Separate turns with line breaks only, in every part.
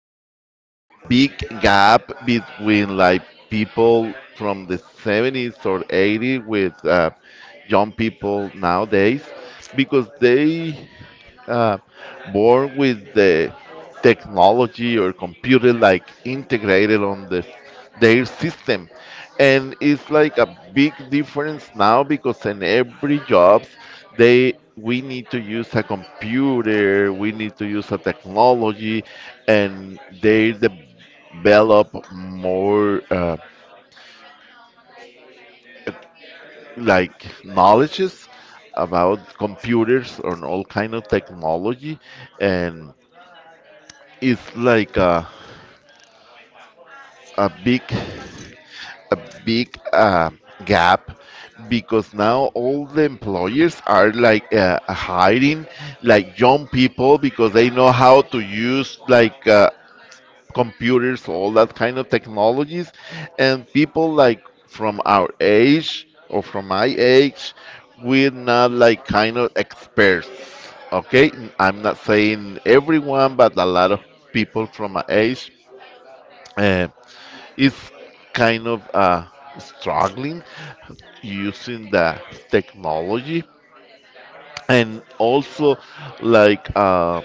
it's a big gap between like people from the 70s or 80s with young people nowadays because they uh, more with the technology or computer like integrated on their system. And it's like a big difference now because in every jobs they we need to use a computer, we need to use a technology, and they develop more like knowledges about computers and all kind of technology. And it's like a big a big gap because now all the employers are like hiring like young people because they know how to use like computers, all that kind of technologies. And people like from our age or from my age, we're not like kind of experts. Okay, I'm not saying everyone, but a lot of people from my age, uh, is kind of struggling using the technology. And also like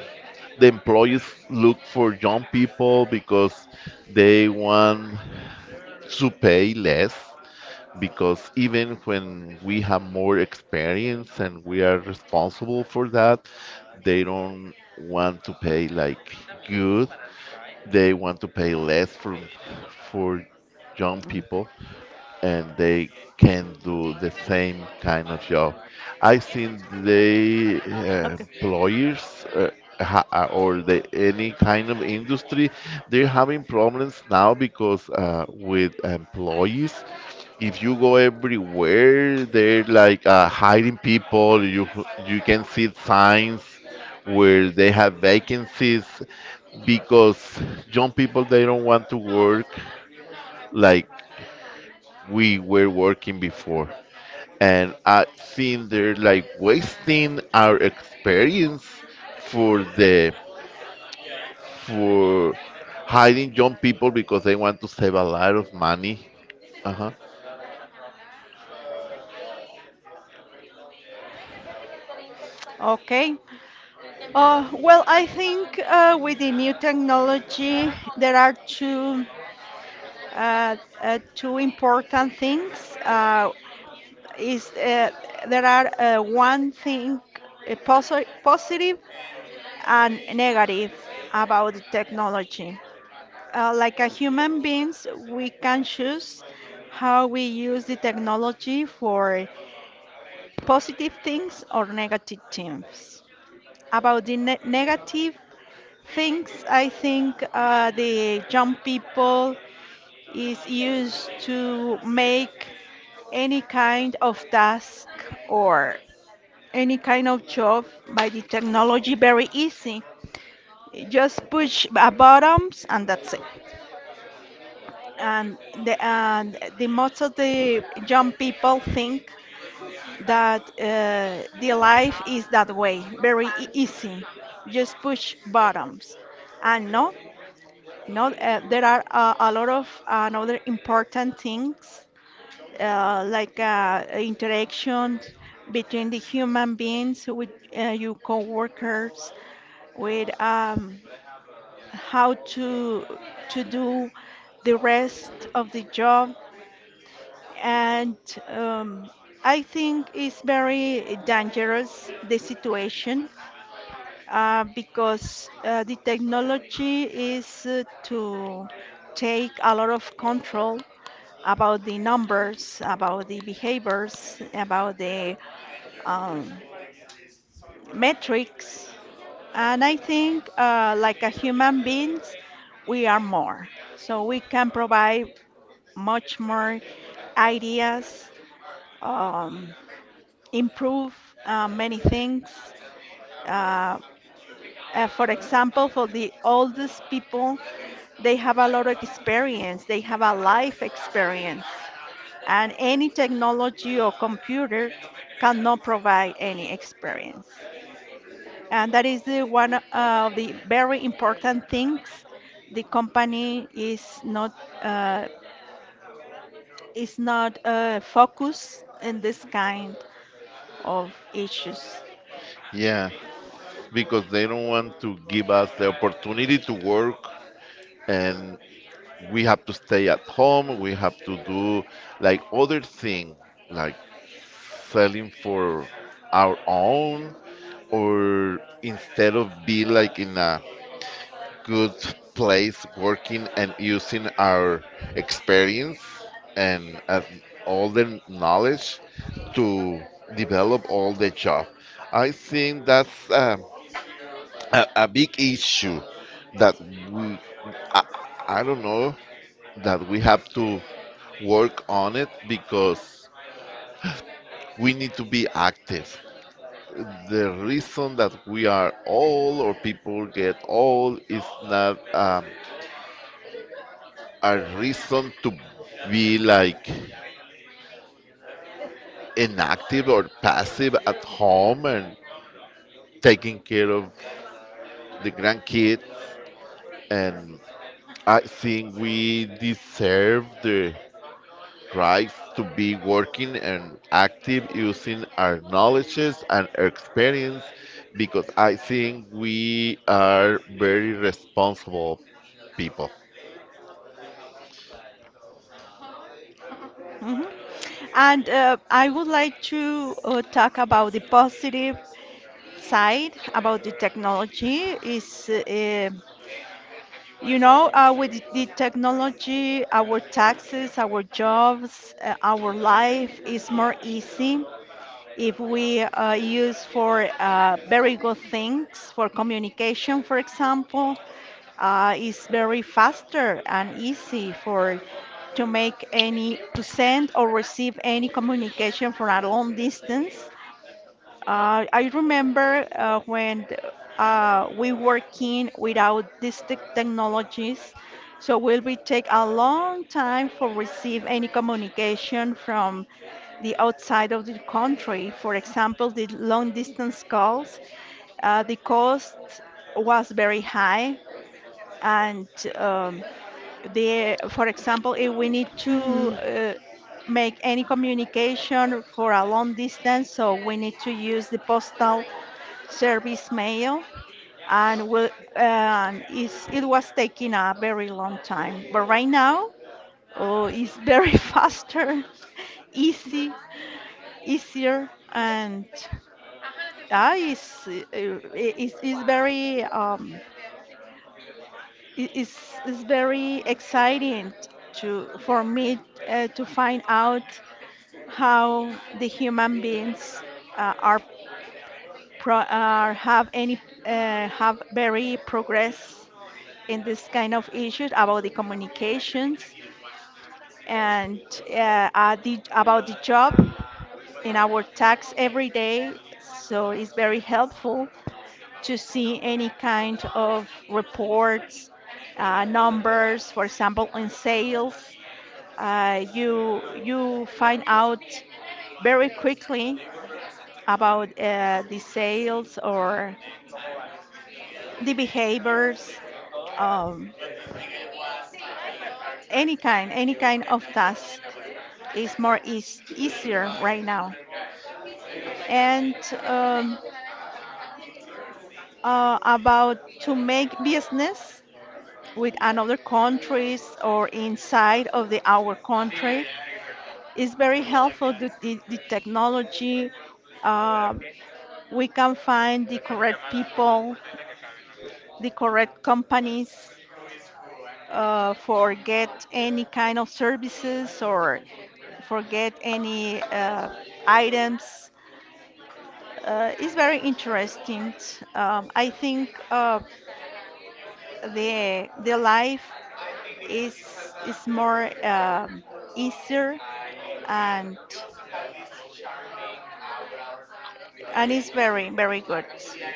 the employees look for young people because they want to pay less, because even when we have more experience and we are responsible for that, they don't want to pay like good. They want to pay less for for young people, and they can do the same kind of job. I think they
Okay.
employers or the any kind of industry, they're having problems now because with employees. If you go everywhere, they're like hiding people. You can see signs where they have vacancies because young people, they don't want to work. Like we were working before. And I think they're like wasting our experience for the for hiding young people because they want to save a lot of money. Uh-huh.
Okay. Well, I think with the new technology, there are two important things. Is there are One thing positive and negative about the technology. Like a human beings, we can choose how we use the technology for positive things or negative things. About the negative things, I think the young people is used to make any kind of task or any kind of job by the technology very easy. Just push a buttons and that's it. And the most of the young people think that the life is that way, very easy, just push buttons. And no, no, there are a lot of another important things interactions between the human beings with your coworkers, with how to do the rest of the job and um, I think it's very dangerous the situation because the technology is to take a lot of control about the numbers, about the behaviors, about the um, metrics, and I think like a human beings, we are more. So we can provide much more ideas. Um, Improve many things. Uh, for example, for the oldest people, they have a lot of experience, they have a life experience, and any technology or computer cannot provide any experience. And that is the one of the very important things the company is not uh, focused in this kind of issues.
Yeah, because they don't want to give us the opportunity to work, and we have to stay at home, we have to do like other thing, like selling for our own, or instead of be like in a good place working and using our experience and all the knowledge to develop all the job. I think that's a big issue that we I, I don't know, that we have to work on it because we need to be active. The reason that we are old or people get old is not a reason to be like inactive or passive at home and taking care of the grandkids. And I think we deserve the tries to be working and active using our knowledges and our experience, because I think we are very responsible people.
Mhm. And I would like to talk about the positive side about the technology. Is you know, with the technology, our taxes, our jobs, our life is more easy if we use for very good things, for communication, for example, is very faster and easy for to make any to send or receive any communication for a long distance. I remember when we working without these technologies, so will we take a long time for receive any communication from the outside of the country. For example, the long distance calls, the cost was very high, and um, the for example if we need to make any communication for a long distance so we need to use the postal service mail and we and it was taking a very long time but right now oh, it's very faster easy easier and it's very it's very exciting to for me to find out how the human beings uh, are are have any have very progress in this kind of issues about the communications and about the job in our tax every day so it's very helpful to see any kind of reports, numbers, for example, in sales. You find out very quickly about the sales or the behaviors. Um, any kind of task is more easier right now. And um, about to make business, with another countries or inside of the our country is very helpful to the technology. uh, we can find the correct people the correct companies for get any kind of services or for get any items. Is very interesting. I think the life is more easier and and it's very very good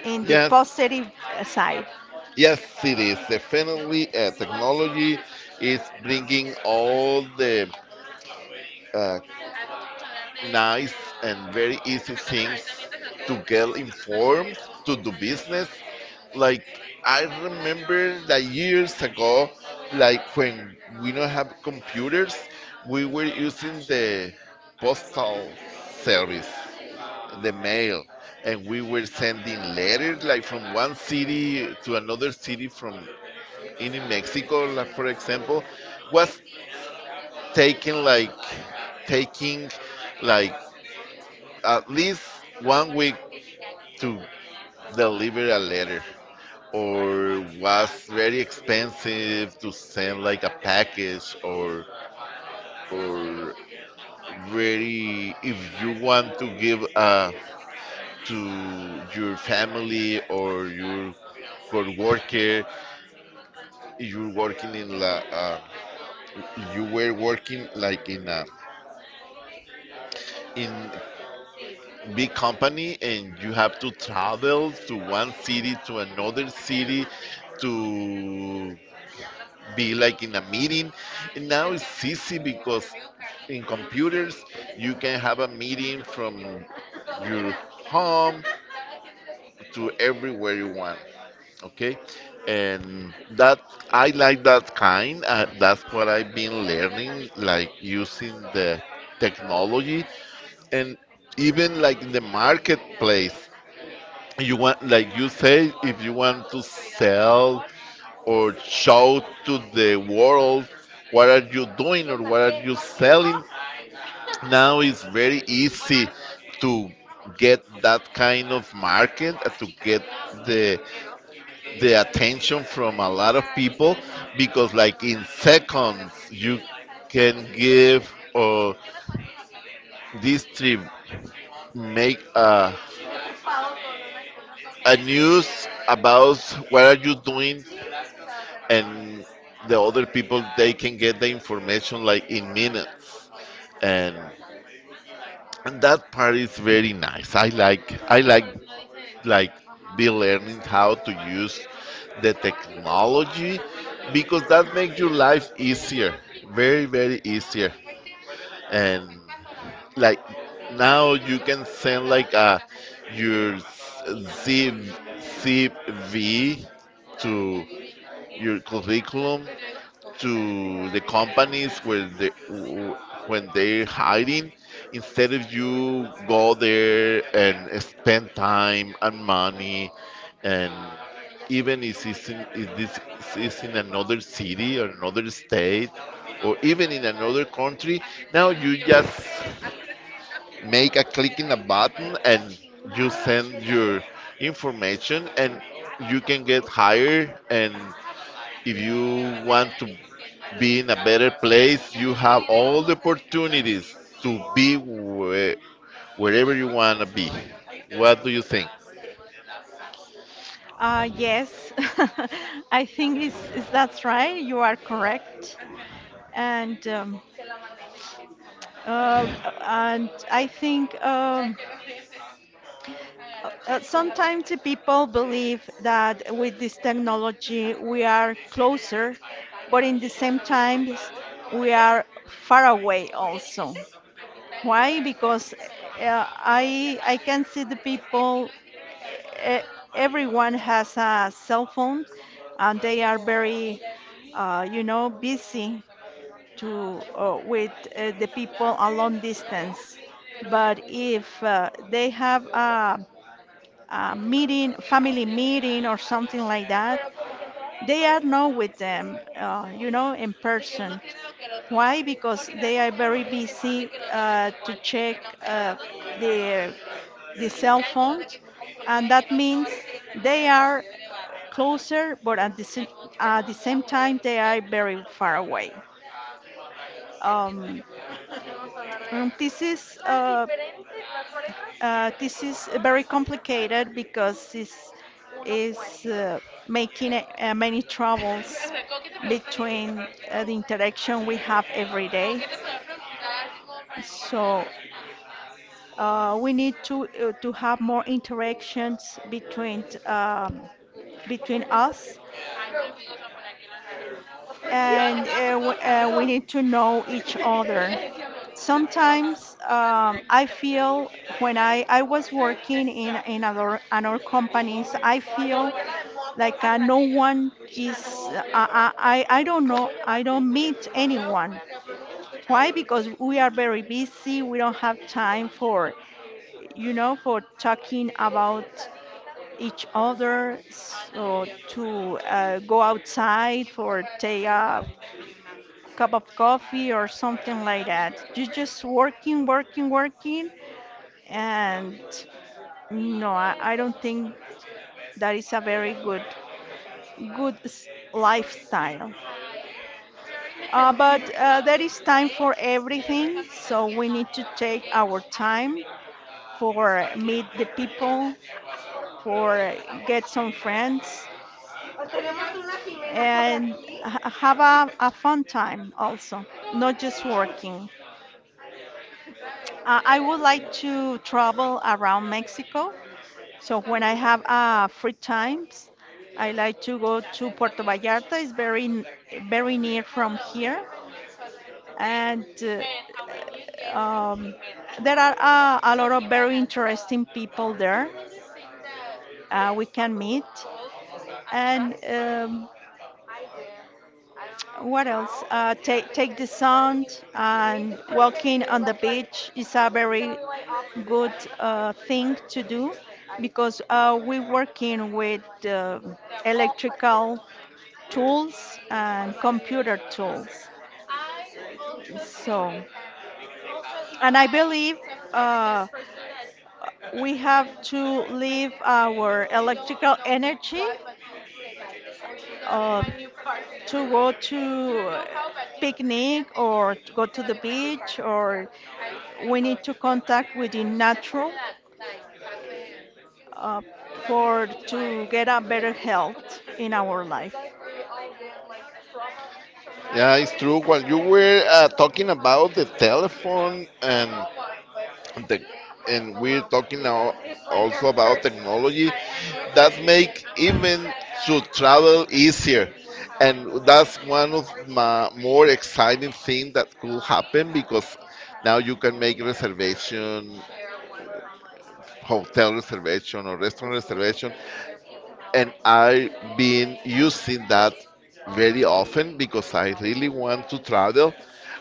in the
Yes.
positive side.
Yes, it is definitely a technology is bringing all the uh, nice and very easy things to get informed, to do business. Like, I remember that years ago, like when we don't have computers, we were using the postal service, the mail, and we were sending letters like from one city to another city, from in Mexico, like for example, was taking like taking like at least 1 week to deliver a letter. Or was very expensive to send like a package or very, if you want to give to your family or your co-worker, you're working in la you were working like in a in big company and you have to travel to one city to another city to be like in a meeting. And now it's easy because in computers you can have a meeting from your home to everywhere you want. Okay, and that, I like that kind that's what I've been learning, like using the technology. And even like in the marketplace, you want, like you say, if you want to sell or show to the world what are you doing or what are you selling, now it's very easy to get that kind of market to get the the attention from a lot of people, because like in seconds you can give or distribute, make a news about what are you doing. And the other people, they can get the information like in minutes. and and that part is very nice. I like, like, be learning how to use the technology because that makes your life easier, very very easier. And like, now you can send like a your zip, CV to your curriculum to the companies where when they're hiring, instead of you go there and spend time and money. And even if it's in, if this is in another city or another state, or even in another country, now you just make a click in a button and you send your information and you can get hired. And if you want to be in a better place, you have all the opportunities to be wherever you want to be. What do you think?
Yes, I think is that's right. You are correct, and um, uh, and I think sometimes the people believe that with this technology we are closer, but in the same time we are far away
¿Qué
also.
dijiste? Aquí está, el a
Why?
ver,
Because
repítemelo. Y me dio este.
I can see
Es
the
que si no
people.
es que tienes-
e- Everyone has a cell phone, and
Y
they are
luego
very,
ella es muy limpia,
you know,
pero yo
busy
soy más bien nada. O
to
sea, yo puedo tener la
with
cabeza súper
the people
espectacular,
a
ella
long distance.
no, pero ella es
But
muy
if
desordenada.
they have
Yo por eso no soy ordenada.
a meeting, family meeting, or something like that, they are not with them, you know, in
De que uno
person.
tiene lo que el otro
Why?
no.
Because
Porque será
they
como
are
muy
very
aburrido y que saben de
busy
que los dos, de que
to
igual, de
check
que no, pero
uh,
las dos limpiar
the the cell
y cuidar de
phones,
que muy compulsivo.
and that
No va a
means
ser.
they are closer, but
Y como que fue
at
como
the
muy
same time
aburrido,
they are
yo
very
me lo fui.
far away. Um,
Vamos a hablar de
and
las diferentes, las parejas, de
This
cómo
is
todas las
very
diferentes parejas,
complicated because this
un
is
opuesto.
making many troubles
¿Cómo que te pregunta el índice
between
para
the
feo?
interaction we have
¿Qué?
every
¿Cómo
day.
que te podía preguntar así como para empezar
So
a estar?
we need to have more interactions between between us,
Ay, no, amigos, a aquí en la nariz.
and
Estábamos todos
we
sabrosos
need to know each
y
other.
le decíamos, y nos trabajamos.
Sometimes
Hasta
I
que
feel when I was working in other companies, I feel
yo
like
no
no one
te
is.
escuchaba. Muy
I don't
abajo.
know.
Muy
I
abajo, muy
don't
abajo, muy
meet
arriba,
anyone.
pero no te
Why? Because
escuchaba.
we are very busy. We don't have time for, you know, for talking about each other.
Ándale,
So
ya.
to go outside
A
for take
las
a
30
cup of coffee or something like that.
minutos.
You're just working, working, working, and
Y
no,
de,
I
pues,
don't think that is a very good good s- lifestyle. But there is time for everything, so we need to take our time for meet the people, for get some friends,
porque tenemos una Jimena por
and
aquí.
have a fun time also, not just working. I would
Ya,
like
ya,
to travel around Mexico, so when I have free times, I like to go to
ya
Puerto
me-
Vallarta. It's very very near from
Hello, we
here,
have a new costume today,
and
and our new guest is
um, there are
Jimena.
a lot of very
Tell us,
interesting people
do you
there
really think that
we
the
can
opposite
meet
poles
and
attract?
what else take the sun and walking on the beach is a very good thing to do because we're working with
The
electrical tools and computer tools
I also think
so
it. And also, it's
and I
like
believe
sometimes the
uh,
person that
we
when
have
you
to
first met
leave
them,
our
you don't
electrical
know
energy
why, but you say like, oh, she's gonna be
uh,
my new partner.
to go
You
to
don't know how, but you see them.
picnic or to go
He's
to
gonna
the
be my new
beach
partner.
or
Yeah, I
we
know
need to
it.
contact with the
And that's something
natural
that like happened,
uh,
like
for
it's so
to get a better
wild.
health in our life.
True. While you were talking about the telephone and the, and we're talking now also about technology, that make even to travel easier. And that's one of my more exciting thing that could happen, because now you can make reservation, hotel reservation or restaurant reservation, and I've been using that very often because I really want to travel.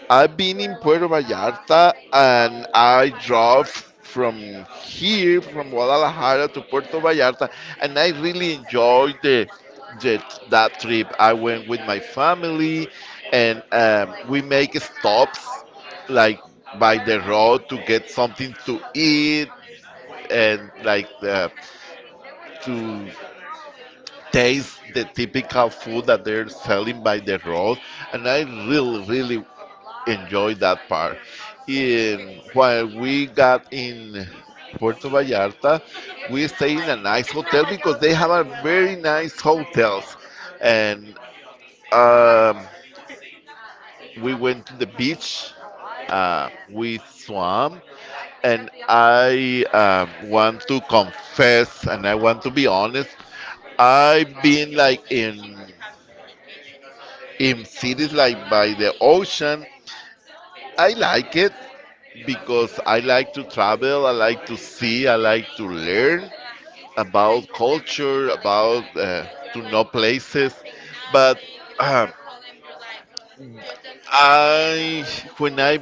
I've been in Puerto Vallarta and I drove from here, from Guadalajara to Puerto Vallarta, and I really enjoyed the that trip. I went with my family, and we make stops like by the road to get something to eat, and like to taste the typical food that they're selling by the road, and I really, really enjoyed that part. And while we got in Puerto Vallarta, we stayed in a nice hotel because they have a very nice hotels. And um, we went to the beach, we swam, and I want to confess and I want to be honest. I've been like in cities like by the ocean. I like it because I like to travel, I like to see, I like to learn about culture, about to know places. But I when I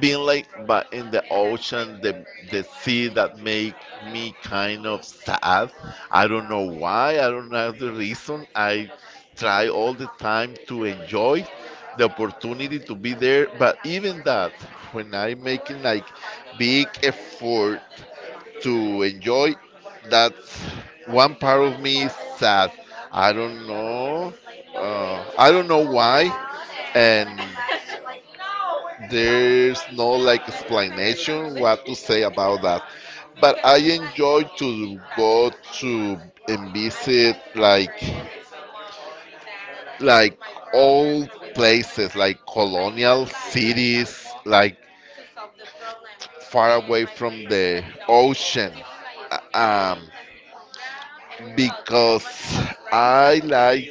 been like but in the ocean, the sea that make me kind of sad. I don't know why. I don't know the reason. I try all the time to enjoy the opportunity to be there, but even that, when I making like big effort to enjoy that, one part of me is sad. I don't know, I don't know why. And there's no like explanation what to say about that, but I enjoy to go to and visit like old places, like colonial cities, like far away from the ocean. Uh, Um, because I like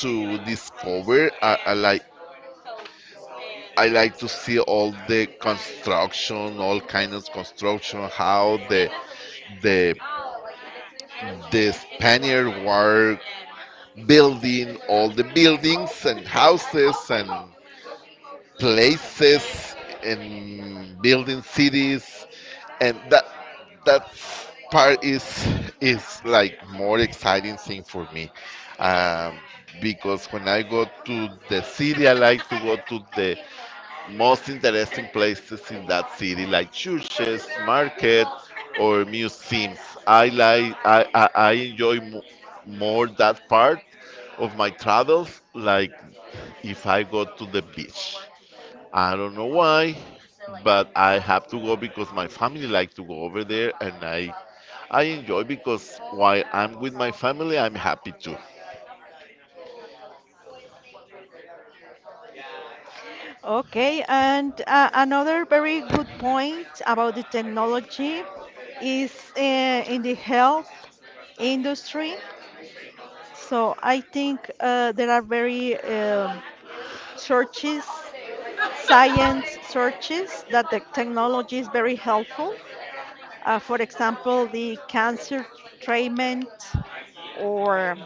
to discover, I like to see all the construction, all kinds of construction, how the the Spaniards were building all the buildings and houses and places and building cities. And that part is like more exciting thing for me. um, because when I go to the city, I like to go to the most interesting places in that city, like churches, market, or museums. I like, I enjoy more that part of my travels, like if I go to the beach. I don't know why, but I have to go because my family like to go over there, and I enjoy because while I'm with my family, I'm happy too.
Okay, and another very good point about the technology is in the health industry. So I think there are very searches, science searches, that the technology is very helpful. For example, the cancer treatment or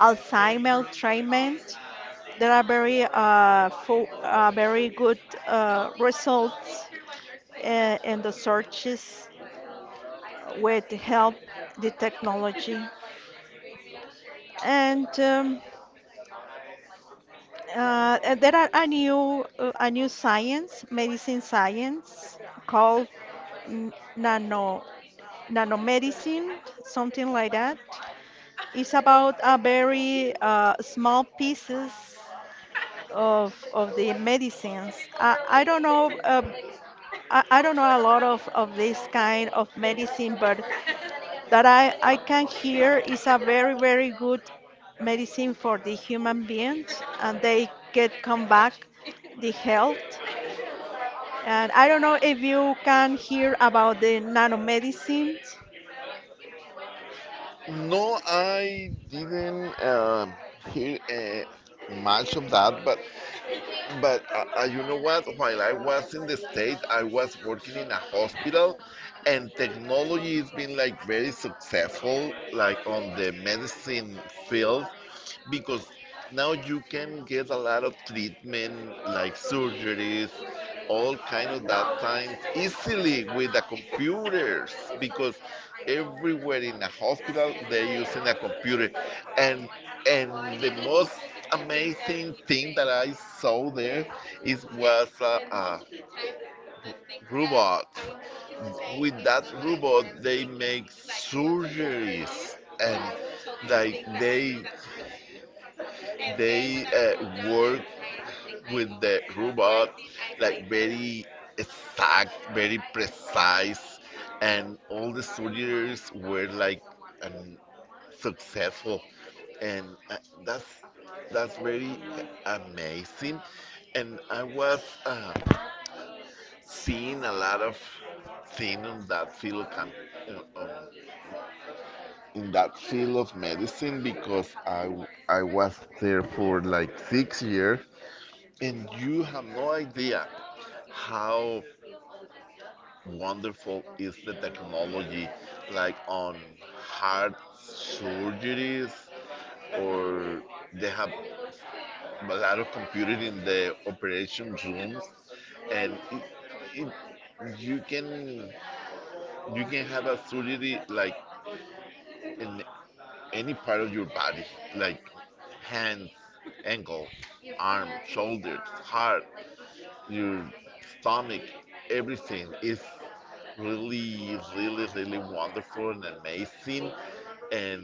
Alzheimer treatment. There are very, very good results in the searches with help the technology. And um, and there are a new science, medicine science called n- nano nanomedicine, something like that. It's about a very small pieces of the medicines. I don't know I don't know a lot of this kind of medicine, but that I can hear is a very, very good medicine for the human beings and they get come back the health. And I don't know if you can hear about the nanomedicines.
No, I didn't hear much of that, but. But you know what? While I was in the States, I was working in a hospital, and technology has been like very successful, like on the medicine field because now you can get a lot of treatment like surgeries all kind of that times easily with the computers because everywhere in a hospital they're using a computer and and the most amazing thing that I saw there is was a robot. With that robot, they make surgeries and like they work with the robot like very exact, very precise, and all the surgeries were like um, successful, and uh, that's that's very amazing. And I was seeing a lot of thing on that field of uh, um, in that field of medicine because I was there for like 6 years, and you have no idea how wonderful is the technology, like on heart surgeries, or they have a lot of computer in the operation rooms, and it, you can you can have a surgery like in any part of your body, like hands, ankle, arm, shoulders, heart, your stomach. Everything is really, really, really wonderful and amazing. And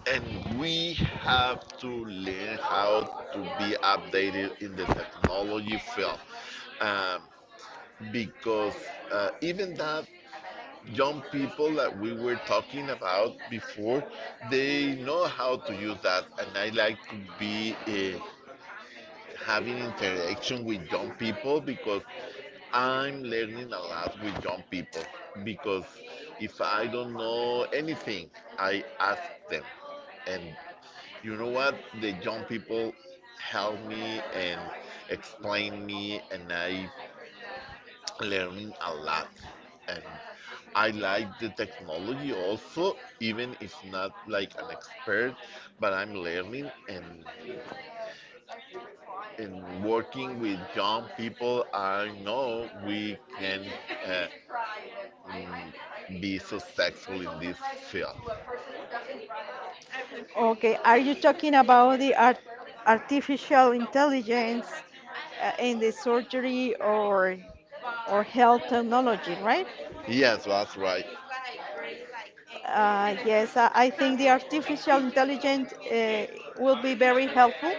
and we have to learn how to be updated in the technology field, um, because even that young people that we were talking about before, they know how to use that, and I like to be. A having interaction with young people because I'm learning a lot with young people. Because if I don't know anything, I ask them. And you know what? The young people help me and explain me, and I learning a lot. And I like the technology also, even if not like an expert, but I'm learning and working with young people, I know we can uh, be successful in this field.
Okay, are you talking about the artificial intelligence in the surgery or health technology, right?
Yes, that's right.
Yes, I think the artificial intelligence will be very helpful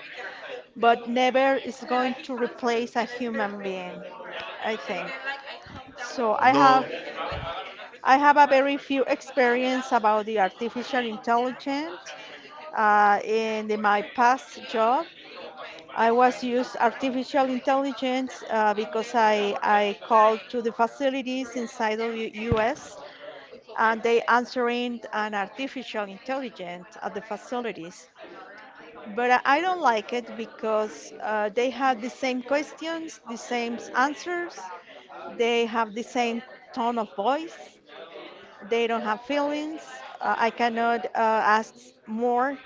but never is going to replace a human being, I think.
Like
So
no.
I have a very few experience about the artificial intelligence. In my past job, I was used artificial intelligence because I called to the facilities inside of the U.S. and they answering an artificial intelligence at the facilities. But I don't like it because they have the same questions, the same answers, they have the same tone of voice, they don't have feelings. I cannot ask more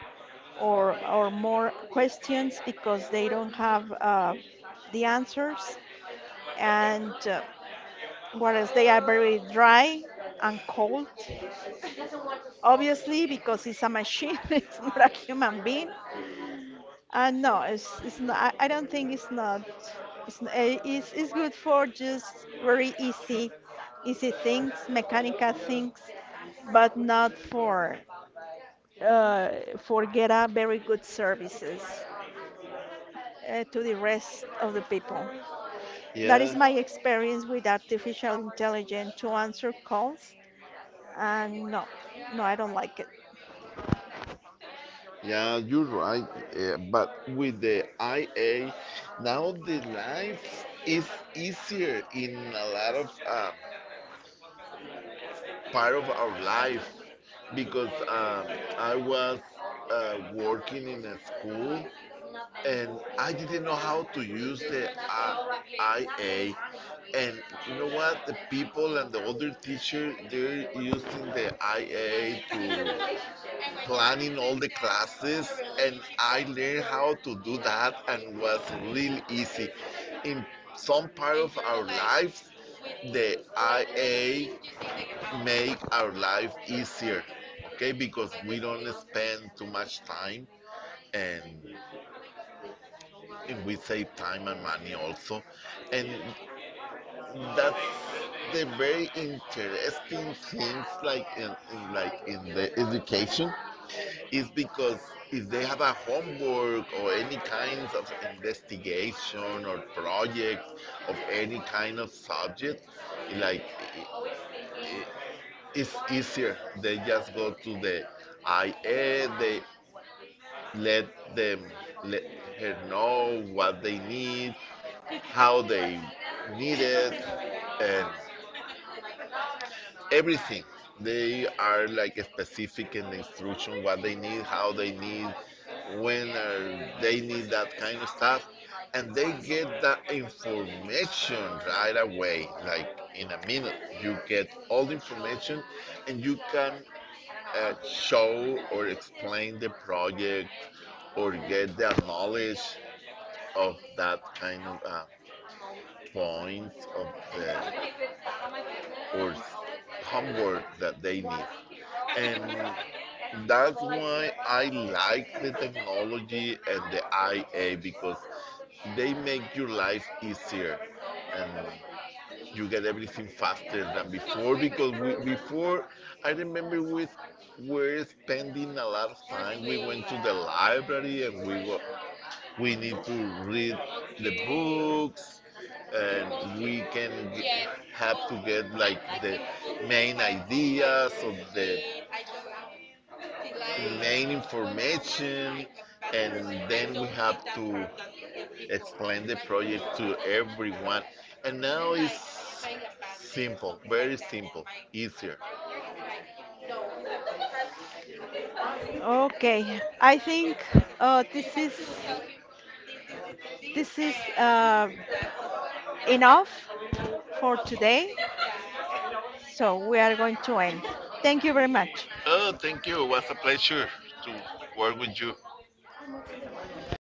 or more questions because they don't have the answers. And what else? They are very dry and cold, obviously, because it's a machine, it's not a human being. No, it's not. I don't think it's not. It's, n- eh, it's good for just very easy, easy things, mechanical things, but not for uh, for get a very good services to the rest of the people. That
Yeah,
is my experience with artificial intelligence to answer calls, and no, no, I don't like it.
yeah, you're right. Yeah, but with the IA, now the life is easier in a lot of part of our life because I was working in a school and I didn't know how to use the IA. And you know what? The people and the other teacher, they're using the IA to planning all the classes, and I learned how to do that, and was really easy. In some part of our lives, the IA make our life easier, okay? Because we don't spend too much time, and and we save time and money also, and that's the very interesting things like in like in the education is because if they have a homework or any kinds of investigation or projects of any kind of subject, like it's easier. They just go to the IA. They let them let her know what they need, how they need it, and everything. They are like specific in the instruction what they need, how they need, when are they need that kind of stuff, and they get that information right away. Like in a minute, you get all the information, and you can show or explain the project or get the knowledge of that kind of point of the or homework that they need. And that's why I like the technology and the IA because they make your life easier and you get everything faster than before because we, before I remember we were spending a lot of time we went to the library and we were we need to read the books and have to get like the main ideas of the main information and then we have to explain the project to everyone, and now it's simple, very simple, easier.
Okay, I think
So
uh,
you
this
have
is
to tell him this, this, this,
this is
this, this, and that's all. And
enough
I'm like,
for today. So we are going to end. Thank you very
no.
much.
Oh, thank you. It was a pleasure to work with you. It's